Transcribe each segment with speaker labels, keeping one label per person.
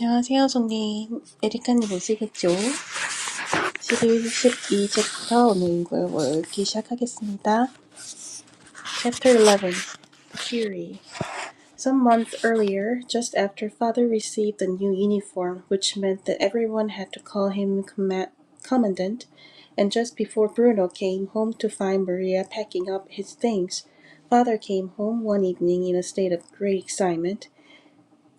Speaker 1: 안녕하세요, 송님. 에리카님 오시겠죠? 십일, 십이 챕터 오늘 이걸 읽기 시작하겠습니다. Chapter 11, The Fury. Some months earlier, just after father received the new uniform, which meant that everyone had to call him comma- commandant, and just before Bruno came home to find Maria packing up his things, father came home one evening in a state of great excitement.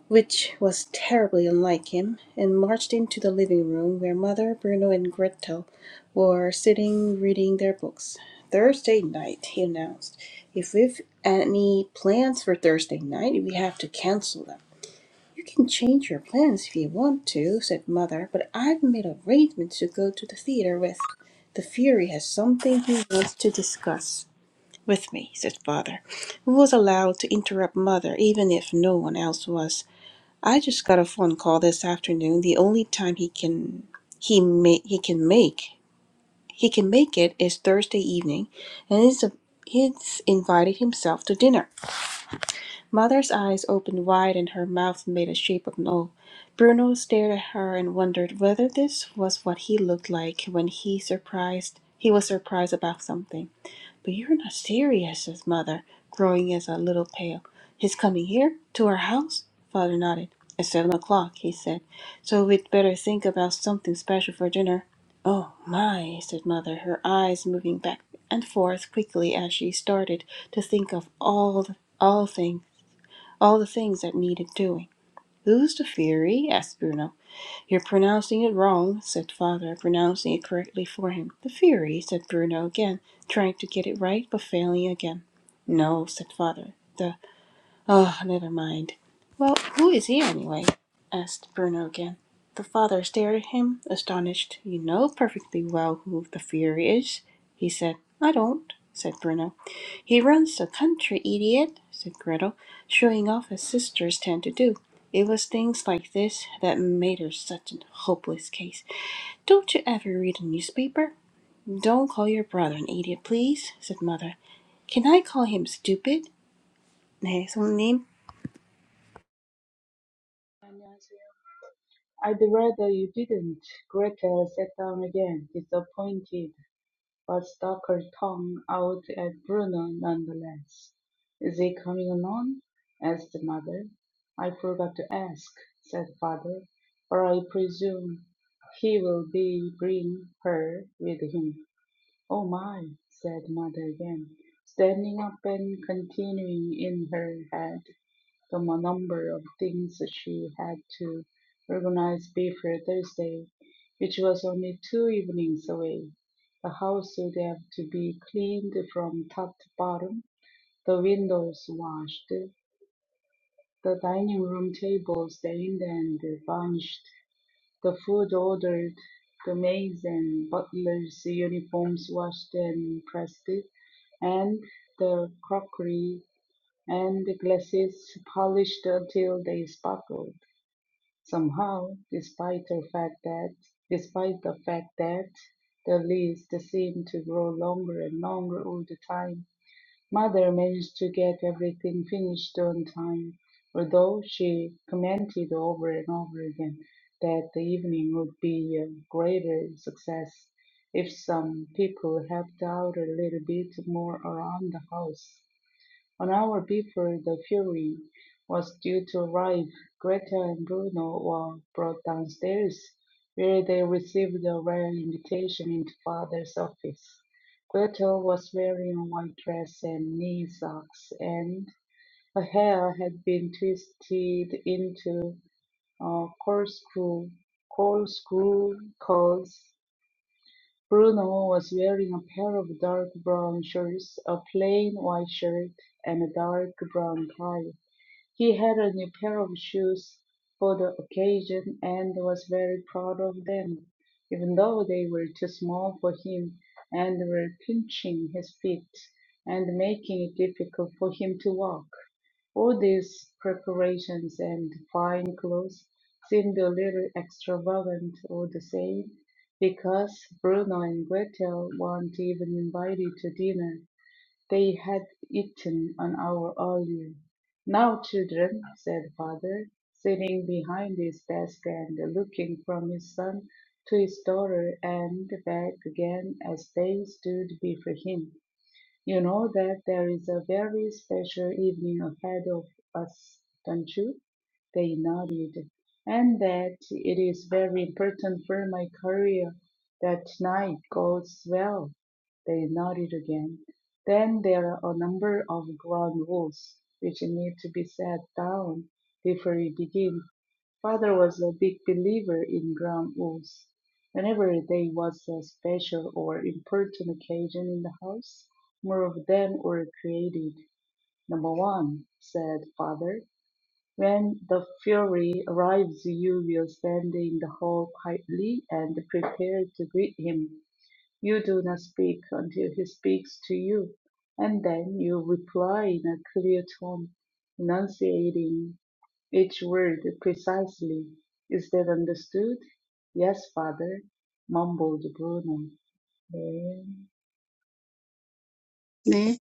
Speaker 1: which was terribly unlike him, and marched into the living room where Mother, Bruno, and Gretel were sitting reading their books. Thursday night, he announced. If we've any plans for Thursday night, we have to cancel them. You can change your plans if you want to, said Mother, but I've made arrangements to go to the theater with. The Fury has something he wants to discuss with me, said Father, who was allowed to interrupt Mother even if no one else was. I just got a phone call this afternoon. The only time he can he may he can make he can make it is Thursday evening, and he's a, he's invited himself to dinner. Mother's eyes opened wide and her mouth made a shape of no. Bruno stared at her and wondered whether this was what he looked like when he surprised he was surprised about something. But you're not serious, says Mother, growing as a little pale. His coming here? To our house? Father nodded. At seven o'clock, he said. So we'd better think about something special for dinner. Oh, my, said Mother, her eyes moving back and forth quickly as she started to think of all the, all thing, all the things that needed doing. Who's the fury? asked Bruno. You're pronouncing it wrong, said Father, pronouncing it correctly for him. The Fury, said Bruno again, trying to get it right, but failing again. No, said Father. The. Oh, never mind. Well, who is he anyway? asked Bruno again. The father stared at him, astonished. You know perfectly well who the fury is, he said. I don't, said Bruno. He runs the country, idiot, said Gretel, showing off as sisters tend to do. It was things like this that made her such a hopeless case. Don't you ever read a newspaper? Don't call your brother an idiot, please, said Mother. Can I call him stupid? 네, 손님.
Speaker 2: I'd rather you didn't. Gretel sat down again, disappointed, but stuck her tongue out at Bruno nonetheless. Is he coming alone? asked mother. I forgot to ask, said father, but I presume he will be bring her with him. Oh my, said mother again, standing up and continuing in her head the mo- number of things that she had to organize before Thursday, which was only two evenings away. The house would have to be cleaned from top to bottom, the windows washed, the dining room table stained and varnished, the food ordered, the maids and butlers' uniforms washed and pressed, and the crockery and glasses polished until they sparkled. Somehow, despite the fact that despite the fact that the list seemed to grow longer and longer all the time, Mother managed to get everything finished on time, although she commented over and over again that the evening would be a greater success if some people helped out a little bit more around the house. An hour before the fury was due to arrive, Greta and Bruno were brought downstairs, where they received a rare invitation into father's office. Greta was wearing a white dress and knee socks, and her hair had been twisted into a corkscrew, corkscrew curls Bruno was wearing a pair of dark brown shorts, a plain white shirt, and a dark brown tie. He had a new pair of shoes for the occasion and was very proud of them, even though they were too small for him and were pinching his feet and making it difficult for him to walk. All these preparations and fine clothes seemed a little extravagant all the same, because Bruno and Gretel weren't even invited to dinner they had eaten an hour earlier. "Now, children," said father, sitting behind his desk and looking from his son to his daughter and back again as they stood before him. You know that there is a very special evening ahead of us, don't you? They nodded. And that it is very important for my career that night goes well. They nodded again. Then there are a number of ground rules which need to be set down before we begin. Father was a big believer in ground rules. Whenever there was a special or important occasion in the house, more of them were created. Number one, said Father, when the fury arrives, you will stand in the hall quietly and prepare to greet him. You do not speak until he speaks to you, and then you reply in a clear tone, enunciating each word precisely. Is that understood? Yes, father, mumbled Bruno. "Eh,
Speaker 3: "Meh,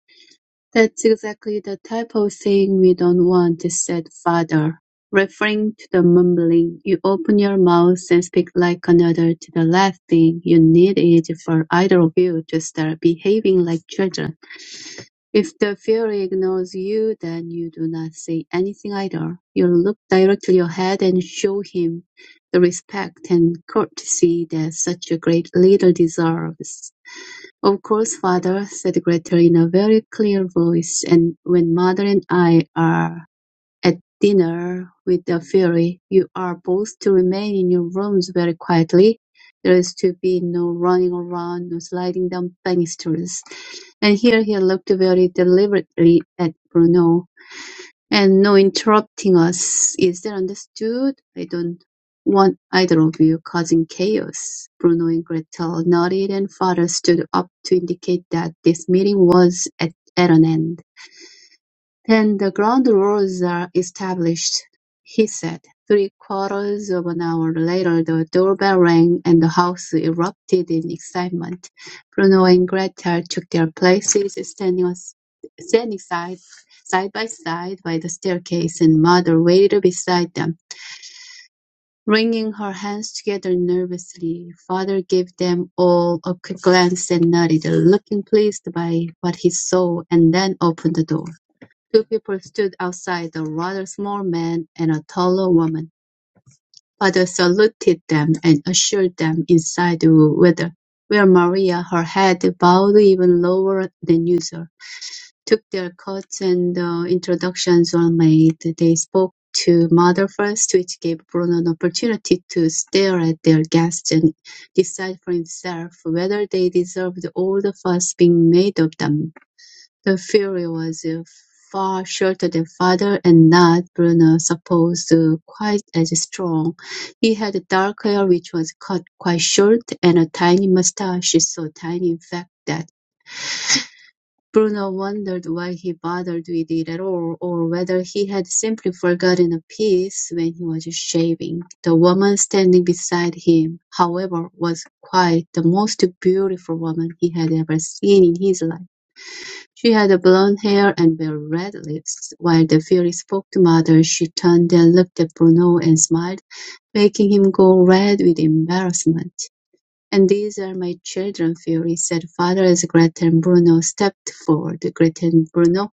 Speaker 3: that's exactly the type of thing we don't want," said father, referring to the mumbling. "You open your mouth and speak like another to the last thing you need is for either of you to start behaving like children. If the Fury ignores you, then you do not say anything either. You look directly ahead and show him the respect and courtesy that such a great leader deserves. "Of course, father," said Gretel in a very clear voice, "and when mother and I are at dinner with the fairy, you are both to remain in your rooms very quietly. There is to be no running around, no sliding down banisters." And here he looked very deliberately at Bruno. And no interrupting us. Is that understood? I don't want either of you causing chaos. Bruno and Gretel nodded and father stood up to indicate that this meeting was at, at an end. Then the ground rules are established, he said. Three-quarters of an hour later the doorbell rang and the house erupted in excitement. Bruno and Gretel took their places, standing, standing side, side by side by the staircase, and Mother waited beside them. Wringing her hands together nervously, Father gave them all a quick glance and nodded, looking pleased by what he saw, and then opened the door. Two people stood outside, a rather small man and a taller woman. Father saluted them and ushered them inside the whither, where Maria, her head bowed even lower than usual, took their coats and uh, introductions were made. They spoke to Mother first, which gave Bruno an opportunity to stare at their guests and decide for himself whether they deserved all the fuss being made of them. The fury was uh, far shorter than father and not, Bruno supposed, uh, quite as strong. He had dark hair which was cut quite short and a tiny mustache, so tiny in fact that Bruno wondered why he bothered with it at all, or whether he had simply forgotten a piece when he was shaving. The woman standing beside him, however, was quite the most beautiful woman he had ever seen in his life. She had blonde hair and red lips. While the Fairy spoke to Mother, she turned and looked at Bruno and smiled, making him go red with embarrassment. "And these are my children, Fairy," said Father as Gretel and Bruno stepped forward. Gretel and Bruno,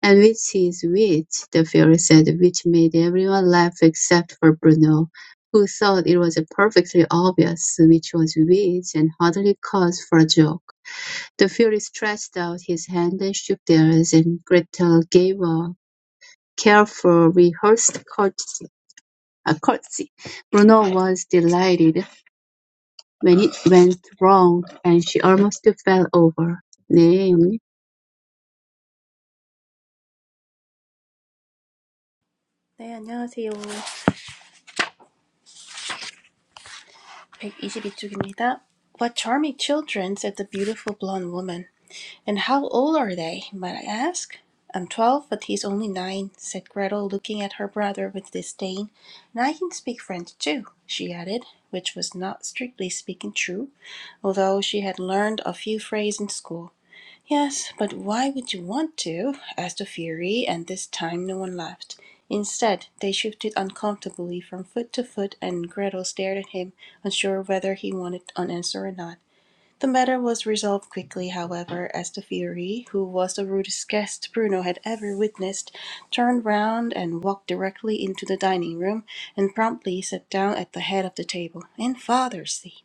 Speaker 3: "And which is which?" the Fairy said, which made everyone laugh except for Bruno, who thought it was perfectly obvious which was which and hardly cause for a joke. The Fury stretched out his hand and shook theirs, and Gretel gave a careful, rehearsed curtsy. A curtsy. Bruno was delighted when it went wrong, and she almost fell over. 네, 형님.
Speaker 1: 네, 안녕하세요. 122쪽입니다. What charming children, said the beautiful blonde woman. And how old are they, might I ask? I'm twelve, but he's only nine, said Gretel, looking at her brother with disdain. And I can speak French too, she added, which was not strictly speaking true, although she had learned a few phrases in school. Yes, but why would you want to? asked the Fury, and this time no one laughed. Instead, they shifted uncomfortably from foot to foot, and Gretel stared at him, unsure whether he wanted an answer or not. The matter was resolved quickly, however, as the Fury, who was the rudest guest Bruno had ever witnessed, turned round and walked directly into the dining room, and promptly sat down at the head of the table, in Father's seat,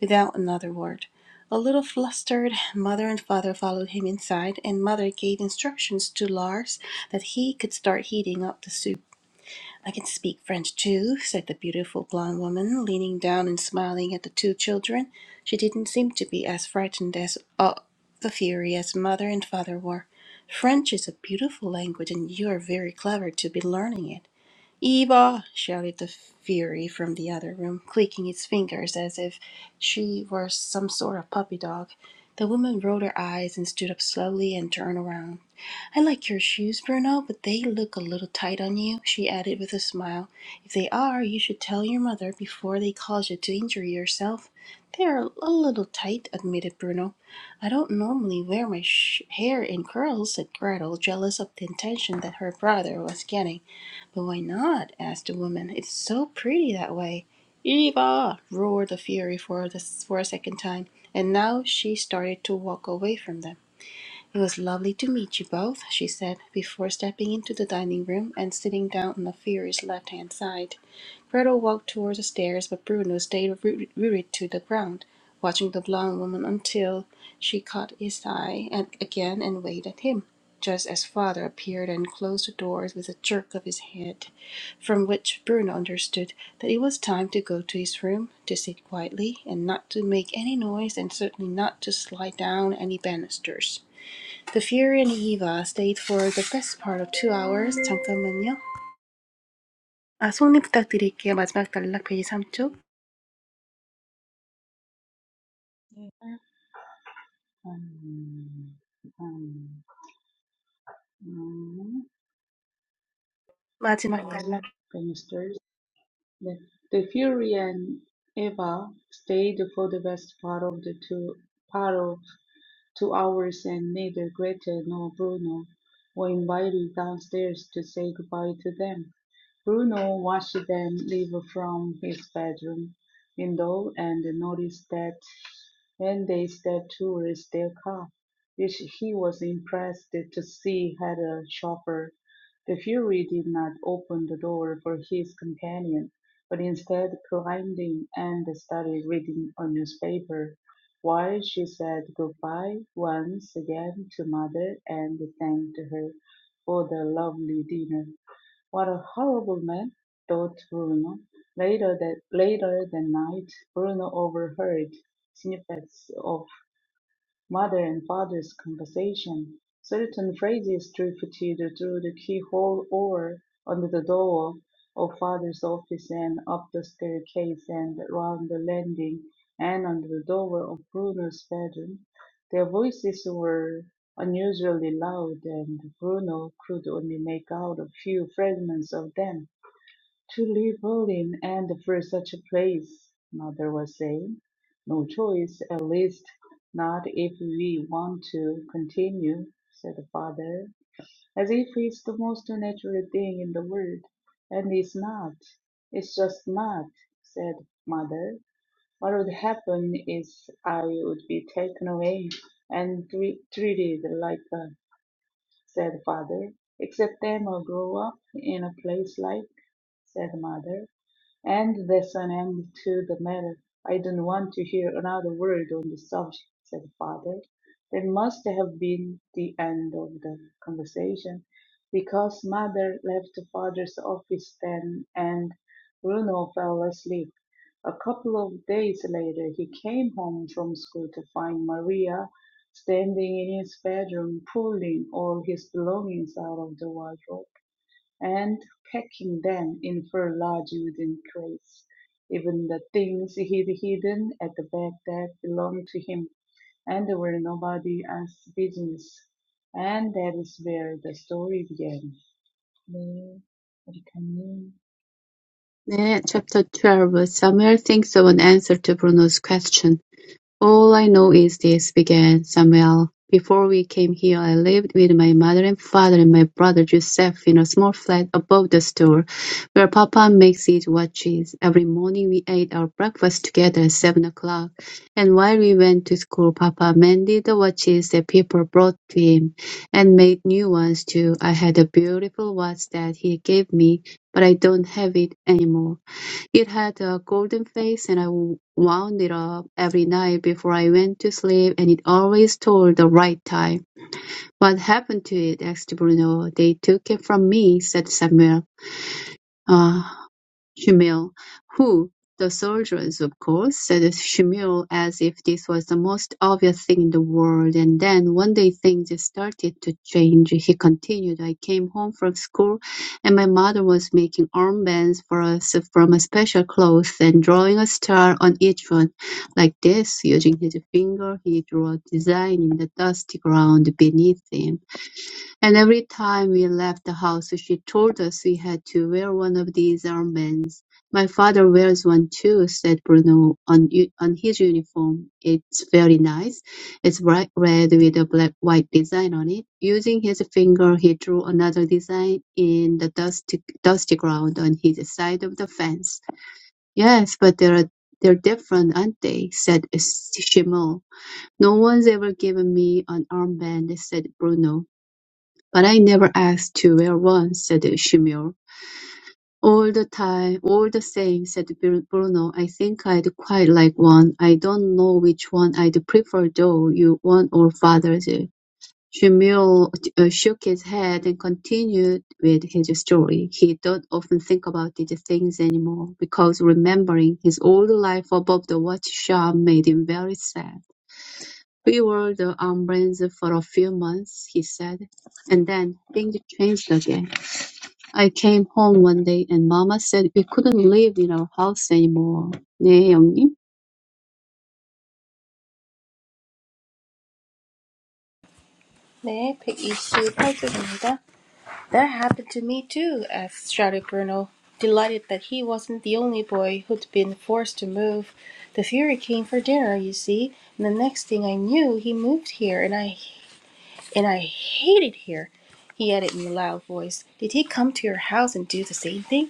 Speaker 1: without another word. A little flustered, Mother and Father followed him inside, and Mother gave instructions to Lars that he could start heating up the soup. I can speak French too, said the beautiful blonde woman, leaning down and smiling at the two children. She didn't seem to be as frightened as of the fury as mother and father were. French is a beautiful language, and you are very clever to be learning it. Eva! shouted the fury from the other room, clicking its fingers as if she were some sort of puppy dog. The woman rolled her eyes and stood up slowly and turned around. I like your shoes, Bruno, but they look a little tight on you," she added with a smile. "If they are, you should tell your mother before they cause you to injure yourself." "They're a little tight," admitted Bruno. "I don't normally wear my sh- hair in curls," said Gretel, jealous of the attention that her brother was getting. "But why not?" asked the woman. "It's so pretty that way." "Eva!" roared the Fury for, the, for a second time, and now she started to walk away from them. It was lovely to meet you both, she said, before stepping into the dining room and sitting down on the Ophira's left hand side. Myrtle walked towards the stairs, but Bruno stayed rooted to the ground, watching the blonde woman until she caught his eye and again and waved at him, just as father appeared and closed the doors with a jerk of his head, from which Bruno understood that it was time to go to his room, to sit quietly, and not to make any noise, and certainly not to slide down any banisters. The Fury and Eva stayed for the best part of two hours. 잠깐만요. 아, 속립 부탁드릴게요. 마지막 단락 페이지 삼 쪽.
Speaker 2: um, um, um,
Speaker 1: 마지막 단락.
Speaker 2: The banisters. The, the Fury and Eva stayed for the best part of the two part of. Two hours, and neither Gretel nor Bruno were invited downstairs to say goodbye to them. Bruno watched them leave from his bedroom window and noticed that when they stepped towards their car, which he was impressed to see had a chauffeur, the fury did not open the door for his companion, but instead climbed in and started reading a newspaper. While she said goodbye once again to mother and thanked her for the lovely dinner. What a horrible man, thought Bruno. Later that later that night, Bruno overheard snippets of mother and father's conversation. Certain phrases drifted through the keyhole or under the door of father's office and up the staircase and round the landing and under the door of Bruno's bedroom. Their voices were unusually loud, and Bruno could only make out a few fragments of them. To leave Berlin and for such a place, mother was saying. No choice, at least not if we want to continue, said the father, as if it's the most natural thing in the world. And it's not. It's just not, said mother. What would happen is I would be taken away and tre- treated like a, said father, except them will grow up in a place like, said mother. And there's an end to the matter. I don't want to hear another word on the subject, said father. That must have been the end of the conversation, because mother left father's office then and Bruno fell asleep. A couple of days later, he came home from school to find Maria standing in his bedroom, pulling all his belongings out of the wardrobe and packing them in fur large wooden crates, even the things he'd hidden at the back that belonged to him and were nobody else's business. And that is where the story began. 네, 에리카님.
Speaker 3: 네, chapter 12. Samuel thinks of an answer to Bruno's question. "All I know is this," began Samuel. "Before we came here I lived with my mother and father and my brother Joseph in a small flat above the store, where Papa makes his watches. Every morning we ate our breakfast together at seven o'clock, and while we went to school Papa mended the watches that people brought to him, and made new ones too. I had a beautiful watch that he gave me, but I don't have it anymore. It had a golden face and I wound it up every night before I went to sleep and it always told the right time. What happened to it? asked Bruno. They took it from me, said Samuel. Ah! Schimmel, who the soldiers, of course, said Schimmel as if this was the most obvious thing in the world. And then one day things started to change. He continued, I came home from school and my mother was making armbands for us from a special cloth and drawing a star on each one. Like this, using his finger, he drew a design in the dusty ground beneath him. And every time we left the house, she told us we had to wear one of these armbands. My father wears one too, said Bruno, on, u- on his uniform. It's very nice. It's bright red with a black white design on it. Using his finger, he drew another design in the dusty, dusty ground on his side of the fence. Yes, but they're, they're different, aren't they? said Shimo. No one's ever given me an armband, said Bruno. "But I never asked to wear one," said Seymour. "All the time all the same," said Bru- Bruno, "I think I'd quite like one. I don't know which one I'd prefer though, you one or father's." Seymour uh, shook his head and continued with his story. He don't often think about these things anymore, because remembering his old life above the watch shop made him very sad. We wore the armbands for a few months, he said, and then things changed again. I came home one day and Mama said we couldn't live in our house anymore. 네, 영님.
Speaker 1: 네, 128쪽입니다. That happened to me too, shouted Bruno, delighted that he wasn't the only boy who'd been forced to move. The Fury came for dinner, you see, and the next thing I knew, he moved here, and I and I hated here. He added in a loud voice, "Did he come to your house and do the same thing?"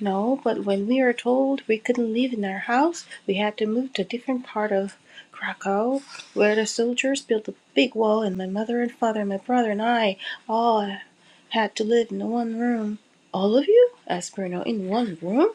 Speaker 1: No, but when we were told we couldn't live in our house, we had to move to a different part of Krakow, where the soldiers built a big wall, and my mother and father and my brother and I all had to live in one room. All of you? asked Bruno. In one room?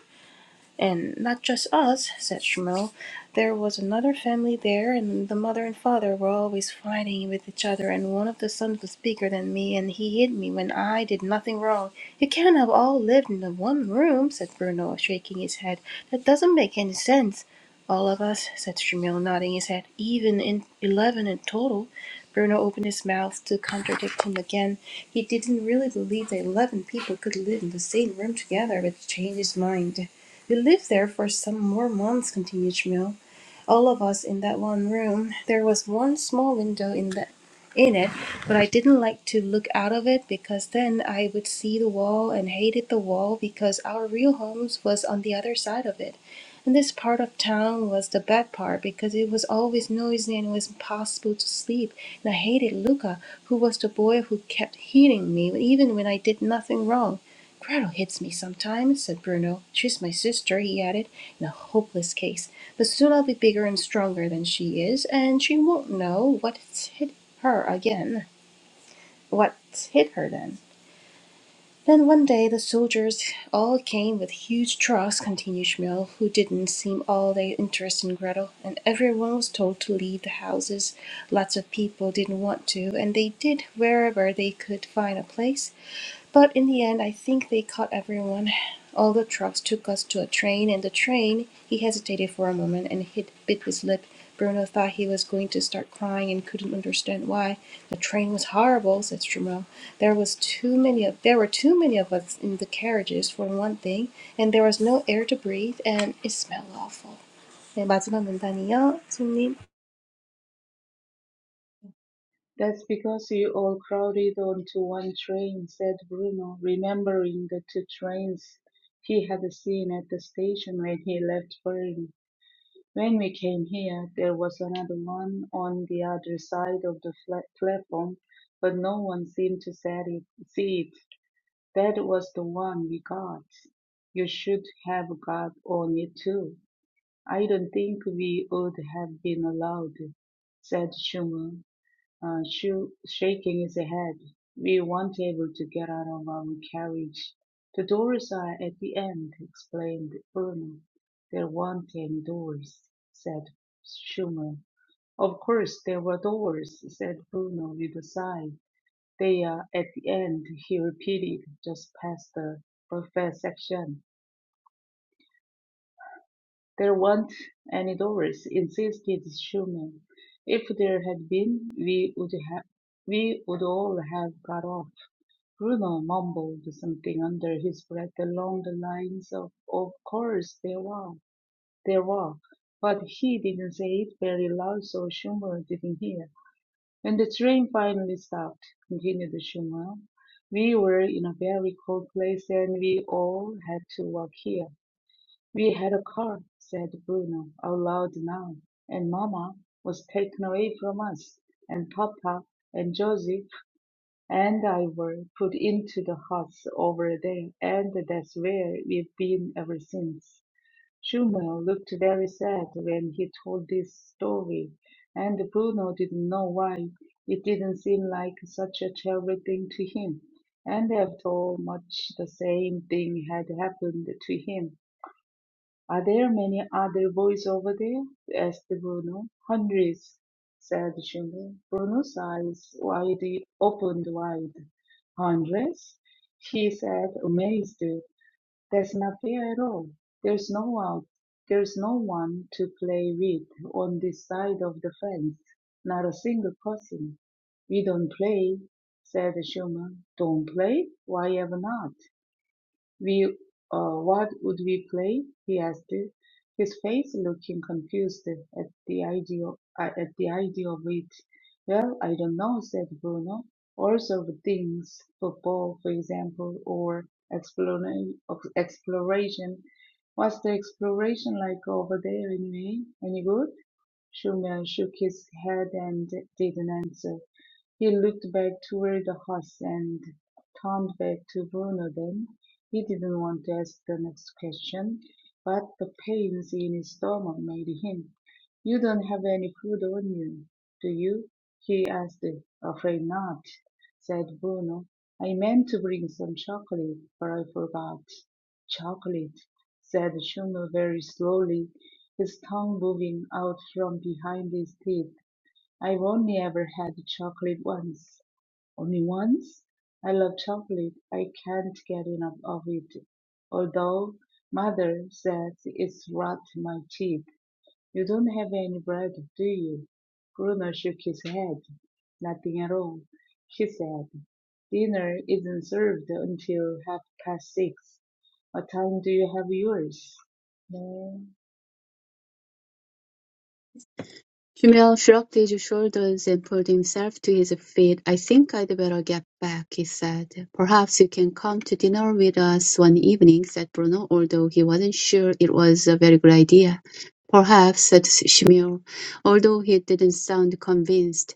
Speaker 1: And not just us, said Shmuel. There was another family there, and the mother and father were always fighting with each other, and one of the sons was bigger than me, and he hit me when I did nothing wrong. You can't have all lived in the one room, said Bruno, shaking his head. That doesn't make any sense. All of us, said Shmuel, nodding his head, even in eleven in total. Bruno opened his mouth to contradict him again. He didn't really believe that eleven people could live in the same room together, but changed his mind. We lived there for some more months," continued Schmiel all of us in that one room. There was one small window in that in it, but I didn't like to look out of it because then I would see the wall and hated the wall because our real homes was on the other side of it. And this part of town was the bad part because it was always noisy and it was impossible to sleep. And I hated Luca, who was the boy who kept hitting me even when I did nothing wrong. Gretel hits me sometimes, said Bruno. She's my sister, he added, in a hopeless case. But soon I'll be bigger and stronger than she is, and she won't know what's hit her again. What's hit her then? Then one day the soldiers all came with huge trucks, continued Schmuel, who didn't seem all that interested in Gretel, and everyone was told to leave the houses. Lots of people didn't want to, and they did wherever they could find a place. But in the end, I think they caught everyone. All the trucks took us to a train, and the train he hesitated for a moment and hit, bit his lip. Bruno thought he was going to start crying and couldn't understand why. The train was horrible, said Strumo. There was too many of there were too many of us in the carriages for one thing, and there was no air to breathe, and it smelled awful. 네, 마지막 문단이요, 손님.
Speaker 2: That's because you all crowded onto one train, said Bruno, remembering the two trains he had seen at the station when he left Berlin. When we came here, there was another one on the other side of the fla- platform, but no one seemed to set it, see it. That was the one we got. You should have got on it too. I don't think we would have been allowed, said Schumann. Uh, shu- shaking his head, we weren't able to get out of our carriage. The doors are at the end, explained Bruno. There weren't any doors, said Schumann. Of course there were doors, said Bruno with a sigh. They are at the end, he repeated, just past the buffet section. There weren't any doors, insisted Schumann. If there had been, we would have we would all have got off. Bruno mumbled something under his breath along the lines of Of course there were, there were, but he didn't say it very loud so Schumer didn't hear. When the train finally stopped, continued Schumer, we were in a very cold place and we all had to walk here. We had a car, said Bruno, out loud now, and Mama was taken away from us, and Papa and Josie and I were put into the huts over there, and that's where we've been ever since. Shumel looked very sad when he told this story, and Bruno didn't know why. It didn't seem like such a terrible thing to him, and after all, much the same thing had happened to him are there many other boys over there? asked Bruno. Hundreds, said Juno. Bruno's eyes wide opened wide. Hundreds? he said, amazed. That's not fair at all. There's no one there's no one to play with on this side of the fence. Not a single person. We don't play, said Schumann. Don't play? Why ever not? We, uh, what would we play? He asked, his face looking confused at the idea uh, at the idea of it. Well, I don't know, said Bruno. All sorts of things, football, for example, or explora- of- exploration. Was the exploration like over there anyway? Any good? Schumer shook his head and didn't answer. He looked back toward the house and turned back to Bruno then. He didn't want to ask the next question, but the pains in his stomach made him. You don't have any food on you, do you? he asked. Afraid not, said Bruno. I meant to bring some chocolate, but I forgot. Chocolate, said Bruno very slowly, his tongue moving out from behind his teeth. I've only ever had chocolate once. Only once? I love chocolate. I can't get enough of it. Although mother says it's rot in my teeth. You don't have any bread, do you? Bruno shook his head. Nothing at all, he said. Dinner isn't served until half past six. What time do you have yours? 네,
Speaker 3: Jumel shrugged his shoulders and pulled himself to his feet. I think I'd better get back, he said. Perhaps you can come to dinner with us one evening, said Bruno, although he wasn't sure it was a very good idea. Perhaps, said Shmuel, although he didn't sound convinced.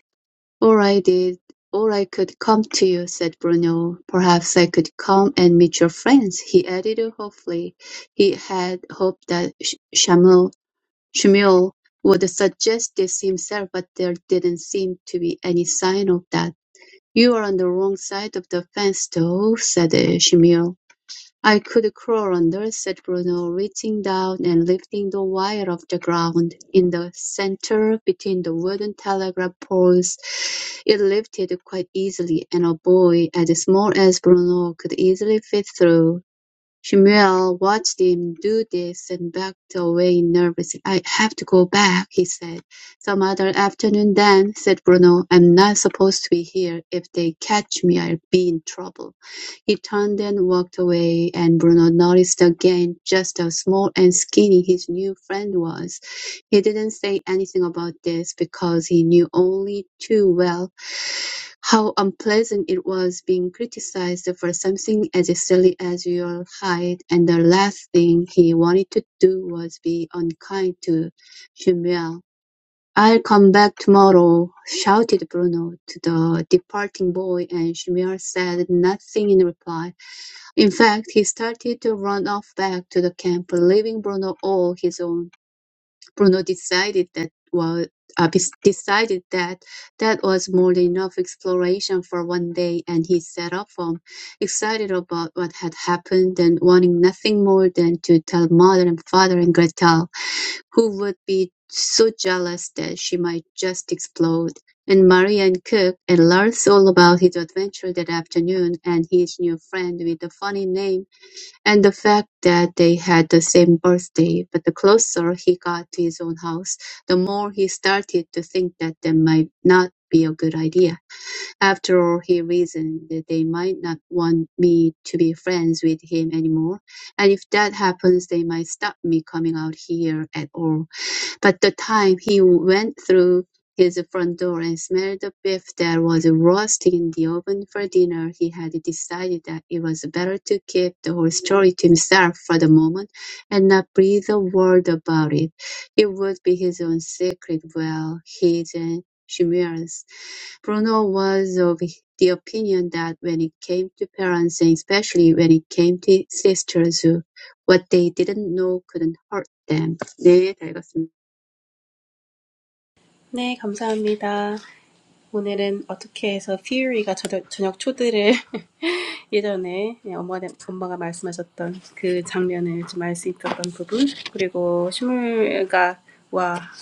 Speaker 3: “Or I did, or I could come to you,” said Bruno. “Perhaps I could come and meet your friends,” he added hopefully. He had hoped that Shmuel Shmuel would suggest this himself, but there didn't seem to be any sign of that. “You're on the wrong side of the fence, though,” said uh, Shmuel. I could crawl under, said Bruno, reaching down and lifting the wire off the ground. In the centre, between the wooden telegraph poles, it lifted quite easily, and a boy as small as Bruno could easily fit through. Samuel watched him do this and backed away nervously. "I have to go back," he said. "Some other afternoon then," said Bruno. "I'm not supposed to be here. If they catch me, I'll be in trouble." He turned and walked away, and Bruno noticed again just how small and skinny his new friend was. He didn't say anything about this because he knew only too well how unpleasant it was being criticized for something as silly as your height, and the last thing he wanted to do was be unkind to Samuel. I'll come back tomorrow, shouted Bruno to the departing boy, and Shmuel said nothing in reply. In fact, he started to run off back to the camp, leaving Bruno all his own. Bruno decided that was uh, bes- decided that that was more than enough exploration for one day, and he set off home, excited about what had happened and wanting nothing more than to tell mother and father and Gretel, who would be so jealous that she might just explode. And Maria and Cook and Lars all about his adventure that afternoon and his new friend with the funny name and the fact that they had the same birthday, but the closer he got to his own house, the more he started to think that that might not be a good idea. After all, he reasoned that they might not want me to be friends with him anymore, and if that happens, they might stop me coming out here at all. But the time he went through his front door and smelled the beef that was roasting in the oven for dinner, he had decided that it was better to keep the whole story to himself for the moment and not breathe a word about it. It would be his own secret, well, his and Shimir's. Bruno was of the opinion that when it came to parents, and especially when it came to sisters, what they didn't know couldn't hurt them. 네, 다 읽었습니다.
Speaker 1: 네, 감사합니다. 오늘은 어떻게 해서 퓨리가 저녁, 저녁 초대를 예전에 엄마, 엄마가 말씀하셨던 그 장면을 좀 알 수 있었던 부분, 그리고 시물가와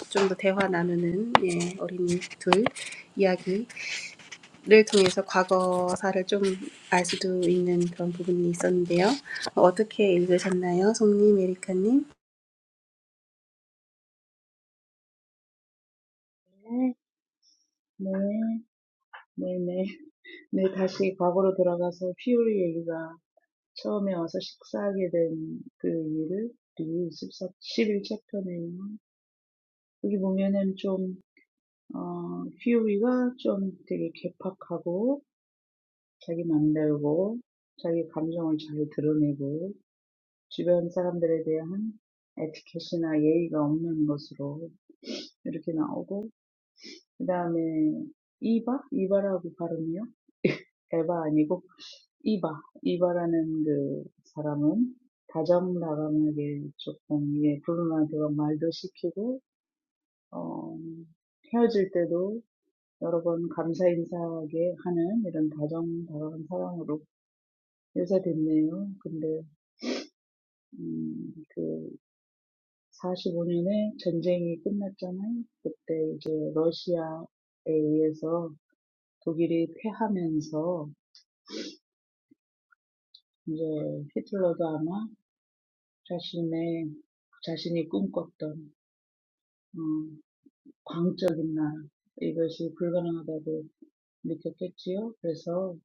Speaker 1: 좀 더 대화 나누는 예, 어린이 둘 이야기를 통해서 과거사를 좀 알 수도 있는 그런 부분이 있었는데요. 어떻게 읽으셨나요? 송님, 에리카님?
Speaker 2: 네, 네, 네, 네. 네, 다시 과거로 돌아가서 피오리 얘기가 처음에 와서 식사하게 된그 일을 리뷰 14, 11챕터네요. 여기 보면은 좀, 어, 피오리가 좀 되게 개팍하고 자기 맘대로고 자기 감정을 잘 드러내고 주변 사람들에 대한 에티켓이나 예의가 없는 것으로 이렇게 나오고 그 다음에 이바? 이바라고 발음이요? 에바 아니고 이바, 이바라는 그 사람은 다정다감하게 조금 예, 불운한테만 말도 시키고 어, 헤어질 때도 여러 번 감사 인사하게 하는 이런 다정다감한 사람으로 묘사됐네요. 근데 음, 그 45년에 전쟁이 끝났잖아요. 그때 이제 러시아에 의해서 독일이 패하면서 이제 히틀러도 아마 자신의 자신이 꿈꿨던 음, 광적인 날 이것이 불가능하다고 느꼈겠지요. 그래서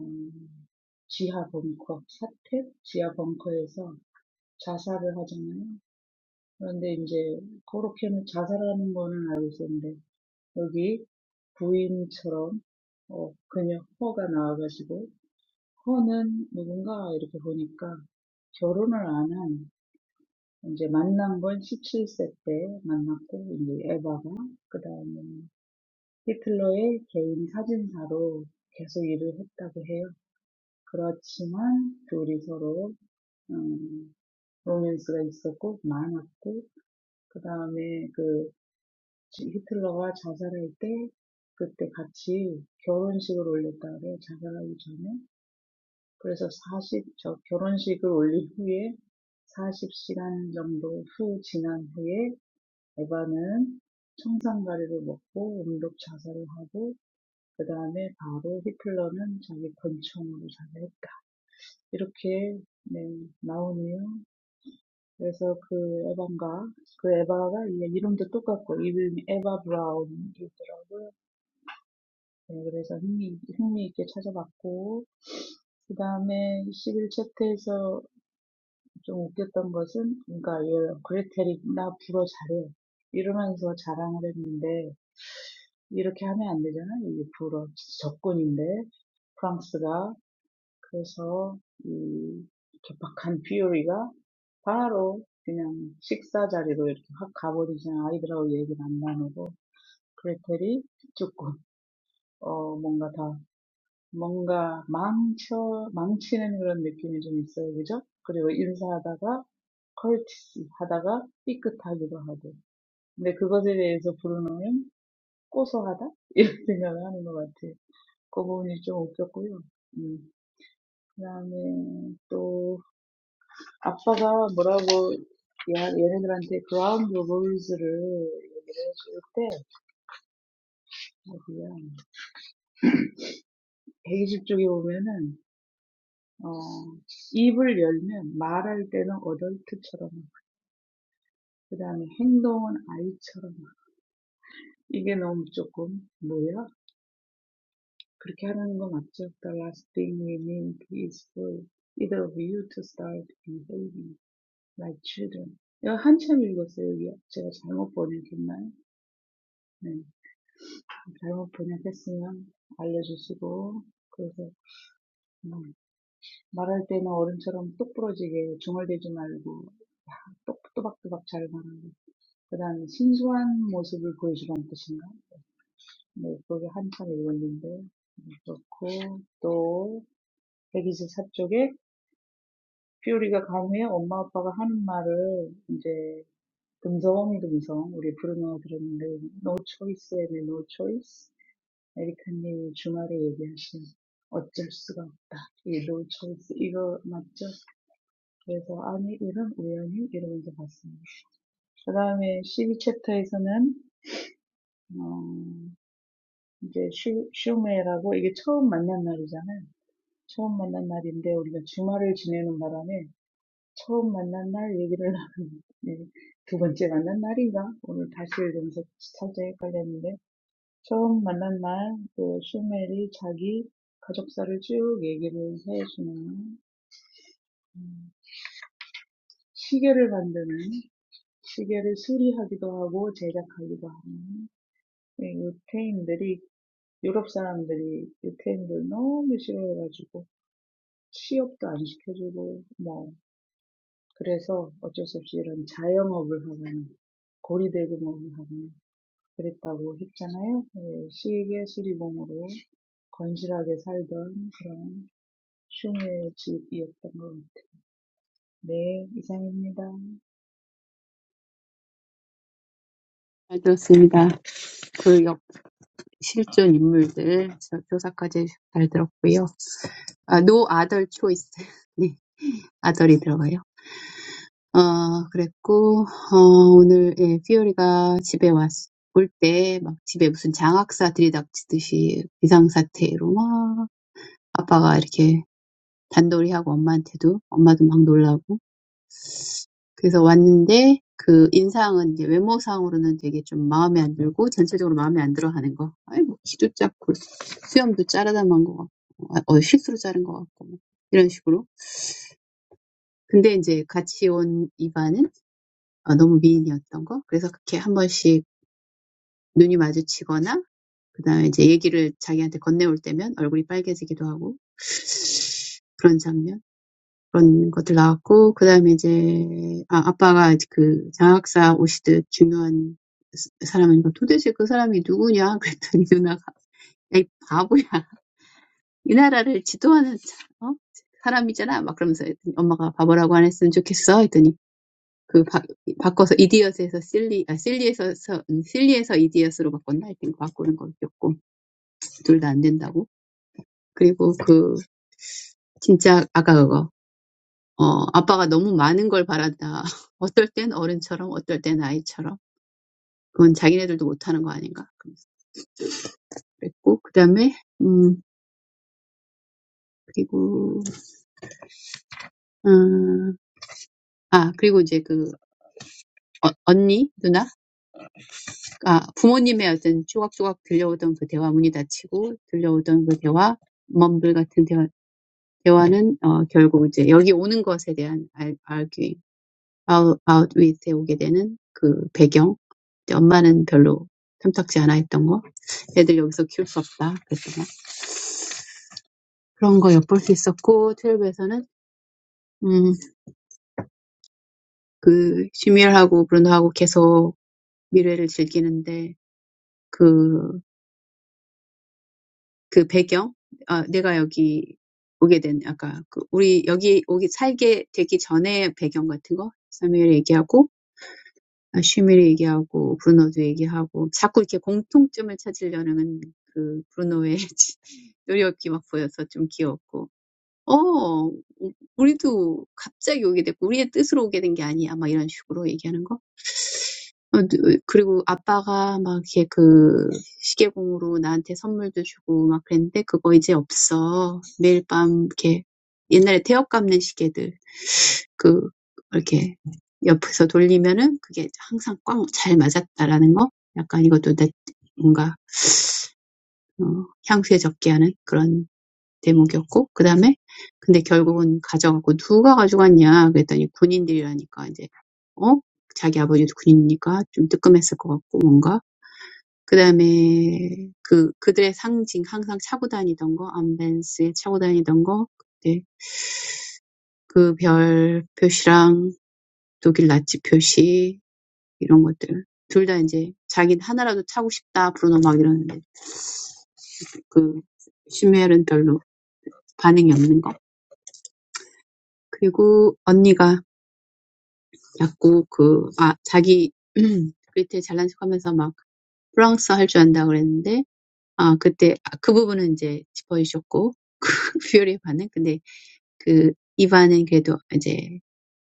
Speaker 2: 음, 지하 벙커, 사택 지하 벙커에서 자살을 하잖아요. 그런데 이제 그렇게는 자살하는 거는 알고 있었는데 여기 부인처럼 어, 그녀 허가 나와가지고 허는 누군가 이렇게 보니까 결혼을 안한 이제 만난 건 17세 때 만났고 이제 에바가 그다음에 히틀러의 개인 사진사로 계속 일을 했다고 해요. 그렇지만 둘이 서로 음, 로맨스가 있었고 많았고 그 다음에 그 히틀러가 자살할 때 그때 같이 결혼식을 올렸다고 그래요. 자살하기 전에. 그래서 40, 저 결혼식을 올린 후에 40시간 정도 후 지난 후에 에바는 청산가리를 먹고 음독 자살을 하고 그 다음에 바로 히틀러는 자기 권총으로 자살했다. 이렇게 네, 나오네요. 그래서 그 에반가, 그 에바가 이름도 똑같고 이름이 에바 브라운이더라고요. 네, 그래서 흥미, 흥미 있게 찾아봤고 그 다음에 11챕터에서 좀 웃겼던 것은 그러니까 얘 그레텔이 나 불어 잘해 이러면서 자랑을 했는데 이렇게 하면 안 되잖아요. 이게 불어 적군인데 프랑스가 그래서 음, 이렇게 박한 비율이가 바로 그냥 식사 자리로 이렇게 확 가버리잖아. 아이들하고 얘기를 안 나누고 그레텔이 조금 어 뭔가 다 뭔가 망쳐 망치는 그런 느낌이 좀 있어요, 그죠? 그리고 인사하다가 컬티스 하다가 삐끗하기도 하고. 근데 그것에 대해서 브루노는 고소하다 이런 생각을 하는 것 같아요. 그 부분이 좀 웃겼고요. 음, 그 다음에 또 아빠가 뭐라고 야, 얘네들한테 그라운드 롤즈를 얘기를 해줄 때 어디야 120쪽에 보면은 어 입을 열면 말할 때는 어덜트처럼 그다음에 행동은 아이처럼 이게 너무 조금 뭐야 그렇게 하는 거 맞죠? The last thing we need is for either of you to start behaving like children. 이거 한참 읽었어요. 여기 제가 잘못 번역했나요? 네. 잘못 번역했으면 알려주시고, 그래서 음, 말할 때는 어른처럼 똑 부러지게 중얼대지 말고, 똑, 또박또박 잘 말하고, 그 다음에 신중한 모습을 보여주라는 뜻인가? 네, 그게 한참 읽었는데, 그렇고, 또, 백이십사 쪽에 퓨리가 감히 엄마 아빠가 하는 말을 이제 금성금성 우리 브루노가 들었는데 no choice and no choice 에리카님 주말에 얘기하신 어쩔 수가 없다. 이 no choice 이거 맞죠? 그래서 아니 이런 우연히 이러면서 봤습니다. 그 다음에 12챕터에서는 어, 이제 슈, 슈메라고 이게 처음 만난 날이잖아요. 처음 만난 날인데 우리가 주말을 지내는 바람에 처음 만난 날 얘기를 나누는 네, 두 번째 만난 날인가? 오늘 다시 이러면서 살짝 헷갈렸는데 처음 만난 날, 그 슈멜이 자기 가족사를 쭉 얘기를 해주는 시계를 만드는 시계를 수리하기도 하고 제작하기도 하는 이 유태인들이 유럽 사람들이 유태인들 너무 싫어해가지고 취업도 안 시켜주고 뭐 그래서 어쩔 수 없이 이런 자영업을 하는 고리대금업을 하는 그랬다고 했잖아요. 예, 시계 수리공으로 건실하게 살던 그런 슈미의 집옆 방은 네, 이상입니다.
Speaker 3: 잘 들었습니다. 그 역, 실존 인물들, 저 조사까지 잘 들었고요. 아, no other choice. 네, 아들이 들어가요. 어, 그랬고, 어, 오늘, 예, 피오리가 집에 왔, 올때 막 집에 무슨 장학사 들이닥치듯이 비상사태로 막 아빠가 이렇게 단돌이하고 엄마한테도, 엄마도 막 놀라고 그래서 왔는데 그 인상은 이제 외모상으로는 되게 좀 마음에 안 들고 전체적으로 마음에 안 들어 하는 거. 아이 뭐 키도 작고 수염도 자르다만 거 같고 아, 어 실수로 자른 거 같고 뭐 이런 식으로. 근데 이제 같이 온 이반은 어, 너무 미인이었던 거. 그래서 그렇게 한 번씩 눈이 마주치거나 그다음에 이제 얘기를 자기한테 건네올 때면 얼굴이 빨개지기도 하고 그런 장면. 그런 것들 나왔고, 그 다음에 이제, 아, 아빠가 그 장학사 오시듯 중요한 사람이니까 도대체 그 사람이 누구냐? 그랬더니 누나가, 에이, 바보야. 이 나라를 지도하는, 사- 어? 사람이잖아. 막 그러면서 했더니 엄마가 바보라고 안 했으면 좋겠어. 했더니 그 바, 바꿔서 이디엇에서 실리, 아, 실리에서, 서- 음, 실리에서 이디엇으로 바꿨나? 하여튼 바꾸는 거였고, 둘 다 안 된다고. 그리고 그, 진짜 아까 그거. 어, 아빠가 너무 많은 걸 바란다. 어떨 땐 어른처럼, 어떨 땐 아이처럼. 그건 자기네들도 못하는 거 아닌가. 그러면서 그랬고, 그 다음에, 음, 그리고, 음, 아, 그리고 이제 그, 어, 언니, 누나? 아, 부모님의 어떤 조각조각 들려오던 그 대화, 문이 닫히고 들려오던 그 대화, 멈블 같은 대화, 대화는, 어, 결국 이제 여기 오는 것에 대한 알, arguing, out, outwith에 오게 되는 그 배경. 이제 엄마는 별로 탐탁지 않아 했던 거. 애들 여기서 키울 수 없다. 그랬더니 그런 거 엿볼 수 있었고, 12에서는, 음, 그, 슈미엘하고 브루노하고 계속 미래를 즐기는데, 그, 그 배경? 아, 내가 여기 오게 된, 아까, 그, 우리 여기 오기, 살게 되기 전에 배경 같은 거? 사무엘 얘기하고, 아, 슈미엘 얘기하고, 브루노도 얘기하고, 자꾸 이렇게 공통점을 찾으려는 그 브루노의 노력이 막 보여서 좀 귀여웠고, 어, 우- 우리도 갑자기 오게 됐고, 우리의 뜻으로 오게 된 게 아니야. 막 이런 식으로 얘기하는 거. 어, 누- 그리고 아빠가 막 이렇게 그 시계공으로 나한테 선물도 주고 막 그랬는데, 그거 이제 없어. 매일 밤 이렇게 옛날에 태엽 감는 시계들. 그, 이렇게 옆에서 돌리면은 그게 항상 꽝 잘 맞았다라는 거? 약간 이것도 내, 뭔가, 어, 향수에 적게 하는 그런 대목이었고 그다음에 근데 결국은 가져갔고 누가 가져갔냐 그랬더니 군인들이라니까 이제 어? 자기 아버지도 군인이니까 좀 뜨끔했을 것 같고 뭔가 그다음에 그 그들의 상징 항상 차고 다니던 거 암벤스에 차고 다니던 거 그때 그 별 표시랑 독일 나치 표시 이런 것들 둘 다 이제 자기 하나라도 차고 싶다 브루노 막 이러는데 그 슈멜은 별로 반응이 없는 거 그리고 언니가 자꾸 그, 아, 자기, 그때 잘난 척 하면서 막 프랑스어 할줄 안다 그랬는데, 아, 그때, 아, 그 부분은 이제 짚어주셨고, 뷰리의 반응? 근데 그, 이반은 그래도 이제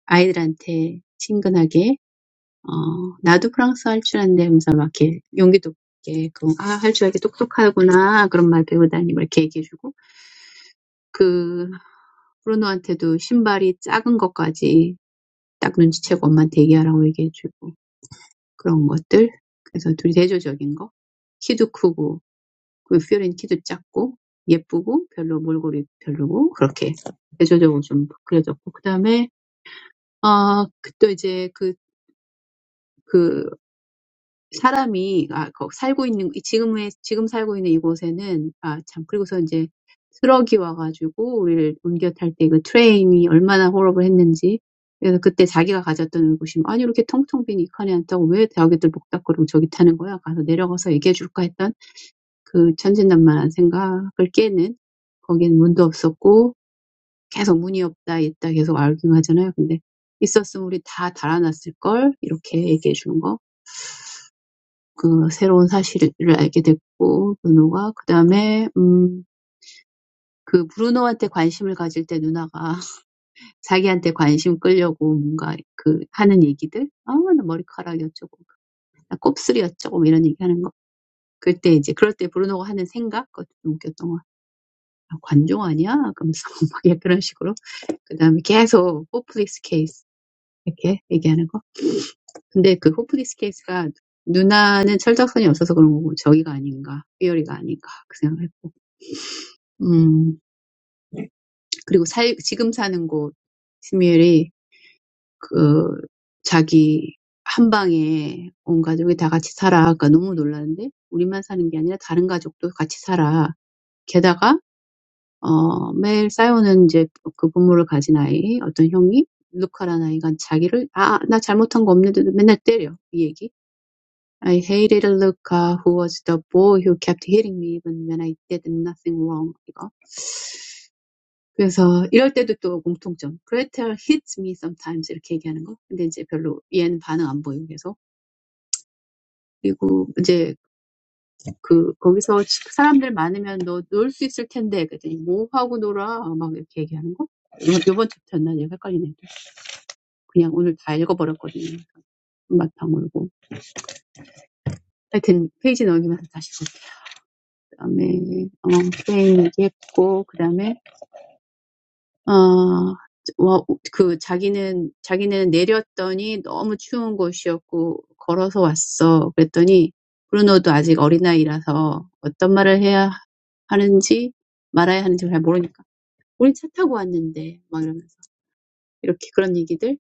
Speaker 3: 아이들한테 친근하게, 어, 나도 프랑스어 할줄 아는데 하면서 막 이렇게 용기도 있게, 그, 아, 할 줄 알게 똑똑하구나. 그런 말 배우다니. 막 이렇게 얘기해주고, 그, 브루노한테도 신발이 작은 것까지 딱 눈치채고 엄마한테 얘기하라고 얘기해주고, 그런 것들. 그래서 둘이 대조적인 거. 키도 크고, 퓨어린 키도 작고, 예쁘고, 별로 몰골이 별로고, 그렇게 대조적으로 좀 그려졌고. 그 다음에, 아, 어, 또 이제 그, 그, 사람이 아, 거 살고 있는 지금의 지금 살고 있는 이곳에는 아, 참 그리고서 이제 트럭이 와가지고 우리를 옮겨 탈 때 그 트레인이 얼마나 호러를 했는지 그래서 그때 자기가 가졌던 의구심 아니 이렇게 텅텅 빈 이 칸에 앉다고 왜 자기들 복닥거리고 저기 타는 거야 가서 내려가서 얘기해 줄까 했던 그 천진난만한 생각을 깨는 거기엔 문도 없었고 계속 문이 없다 있다 계속 알깅 하잖아요 근데 있었으면 우리 다 달아났을 걸 이렇게 얘기해 주는 거 그 새로운 사실을 알게 됐고 누노가 그다음에 음, 그 브루노한테 관심을 가질 때 누나가 자기한테 관심 끌려고 뭔가 그 하는 얘기들 아, 나 머리카락 어쩌고 나 곱슬이 어쩌고 뭐 이런 얘기하는 거 그때 이제 그럴 때 브루노가 하는 생각 그것도 좀 웃겼던 거 아, 관종 아니야? 그러면서 막 예, 그런 식으로 그다음에 계속 호플릭스 케이스 이렇게 얘기하는 거 근데 그 호플릭스 케이스가 누나는 철딱선이 없어서 그런 거고 저기가 아닌가 삐어리가 아닌가 그 생각을 했고 음, 그리고 살, 지금 사는 곳, 스미엘이, 그, 자기 한 방에 온 가족이 다 같이 살아. 그러니까 너무 놀랐는데, 우리만 사는 게 아니라 다른 가족도 같이 살아. 게다가, 어, 매일 싸우는 이제 그 부모를 가진 아이, 어떤 형이, 루카라는 아이가 자기를, 아, 나 잘못한 거 없는데도 맨날 때려. 이 얘기. I hated Luca who was the boy who kept hitting me even when I did nothing wrong. 이거. 그래서 이럴 때도 또 공통점. Gretel hits me sometimes 이렇게 얘기하는 거. 근데 이제 별로 얘는 반응 안 보이고 계속. 그리고 이제 그 거기서 사람들 많으면 너 놀 수 있을 텐데 그랬더니 뭐 하고 놀아 막 이렇게 얘기하는 거. 요- 번 챕터였나 내가 헷갈리네. 그냥 오늘 다 읽어버렸거든요. 한바탕 울고. 하여튼 페이지 넘기면서 다시 볼게요. 그다음에 어, 스페인 얘기했고 그다음에 어, 와, 그 자기는 자기네는 내렸더니 너무 추운 곳이었고 걸어서 왔어. 그랬더니 브루노도 아직 어린아이라서 어떤 말을 해야 하는지 말아야 하는지 잘 모르니까 우리 차 타고 왔는데 막 이러면서 이렇게 그런 얘기들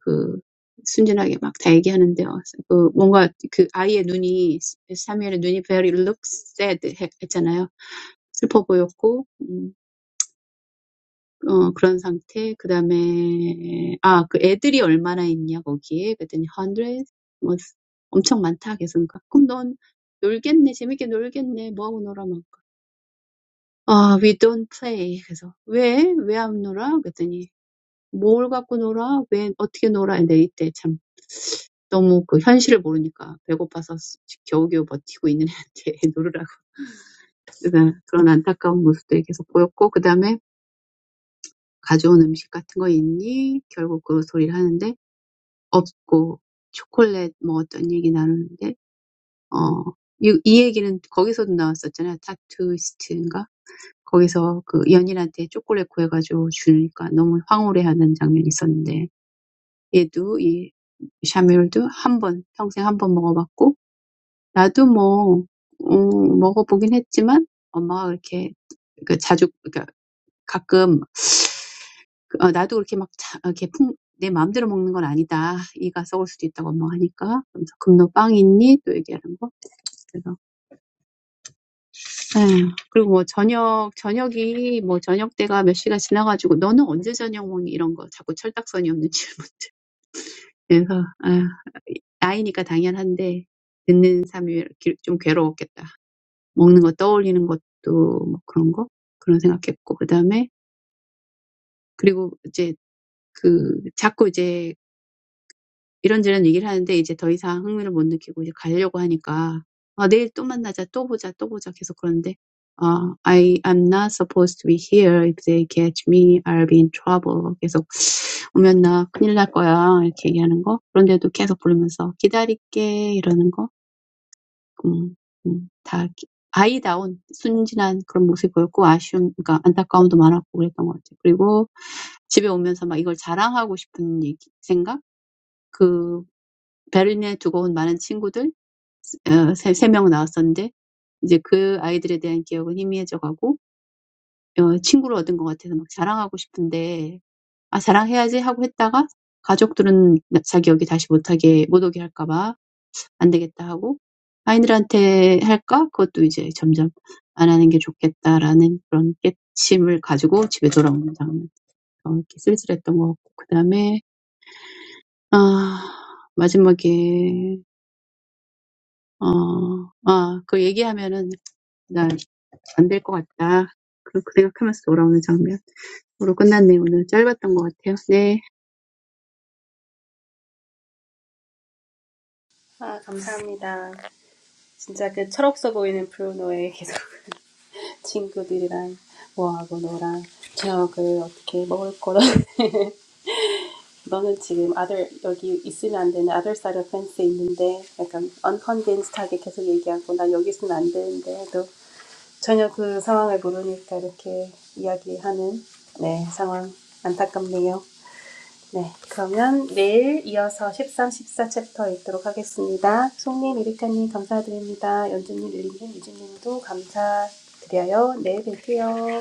Speaker 3: 그 순진하게 막 다 얘기하는데 요그 뭔가 그 아이의 눈이 사무엘의 눈이 very look sad 했- 했잖아요. 슬퍼 보였고 음, 어, 그런 상태. 그 다음에, 아, 그 애들이 얼마나 있냐, 거기에. 그랬더니, 100, 뭐, 엄청 많다. 그래서, 그러니까, 그럼 넌 놀겠네. 재밌게 놀겠네. 뭐하고 놀아, 막. 아, we don't play. 그래서, 왜? 왜 안 놀아? 그랬더니, 뭘 갖고 놀아? 왜, 어떻게 놀아? 근데 이때 참, 너무 그 현실을 모르니까 배고파서 겨우겨우 버티고 있는 애한테 놀으라고. 그러나 그런 안타까운 모습들이 계속 보였고, 그 다음에 가져온 음식 같은 거 있니? 결국 그 소리를 하는데 없고 초콜릿 뭐 어떤 얘기 나누는데 어, 이, 이 얘기는 거기서도 나왔었잖아요. 타투이스트인가? 거기서 그 연인한테 초콜릿 구해가지고 주니까 너무 황홀해하는 장면이 있었는데 얘도 이 샤뮤엘도 한 번, 평생 한 번 먹어봤고 나도 뭐 음, 먹어보긴 했지만 엄마가 그렇게 그 자주 그러니까 가끔 어, 나도 그렇게 막 자, 어, 이렇게 풍, 내 마음대로 먹는 건 아니다. 이가 썩을 수도 있다고 뭐하니까 그러면서 금너 빵 있니? 또 얘기하는 거. 그래서 에휴, 그리고 뭐 저녁 저녁이 뭐 저녁 때가 몇 시가 지나가지고 너는 언제 저녁 먹니? 이런 거 자꾸 철딱선이 없는 질문들. 그래서 에휴, 나이니까 당연한데 듣는 삶이 기- 좀 괴로웠겠다. 먹는 거 떠올리는 것도 뭐 그런 거 그런 생각했고 그다음에 그리고 이제 그 자꾸 이제 이런저런 얘기를 하는데 이제 더 이상 흥미를 못 느끼고 이제 가려고 하니까 아, 내일 또 만나자, 또 보자, 또 보자 계속 그러는데 아, I am not supposed to be here. If they catch me, I'll be in trouble. 계속 오면 나 큰일 날 거야. 이렇게 얘기하는 거. 그런데도 계속 부르면서 기다릴게 이러는 거. 음, 음, 다 아이다운 순진한 그런 모습이 보였고 아쉬움, 그러니까 안타까움도 많았고 그랬던 것 같아요. 그리고 집에 오면서 막 이걸 자랑하고 싶은 얘기, 생각? 그 베를린에 두고 온 많은 친구들 어, 세, 명 나왔었는데 이제 그 아이들에 대한 기억은 희미해져 가고 어, 친구를 얻은 것 같아서 막 자랑하고 싶은데 아 자랑해야지 하고 했다가 가족들은 자기 여기 다시 못하게 못 오게 할까 봐안 되겠다 하고 아이들한테 할까 그것도 이제 점점 안 하는 게 좋겠다라는 그런 깨침을 가지고 집에 돌아오는 장면 어, 이렇게 쓸쓸했던 것 같고 그 다음에 아 마지막에 어, 아, 그 얘기하면은 나안 될 것 같다. 그, 그 생각하면서 돌아오는 장면. 으로 끝났네, 오늘. 짧았던 것 같아요. 네.
Speaker 1: 아, 감사합니다. 진짜 그 철없어 보이는 프로노의 친구들이랑 뭐하고 놀아. 저녁을 어떻게 먹을 거라. 너는 지금 아들 여기 있으면 안 되는 아들 사이드 펜스 있는데 약간 언컨벤스하게 계속 얘기하고 난 여기 있으면 안 되는데 또 전혀 그 상황을 모르니까 이렇게 이야기하는 네 상황 안타깝네요. 네 그러면 내일 이어서 십삼 십사 챕터 읽도록 하겠습니다. 송님, 이리카님 감사드립니다. 연주님, 릴리님, 유진님도 감사드려요. 내일 뵐게요.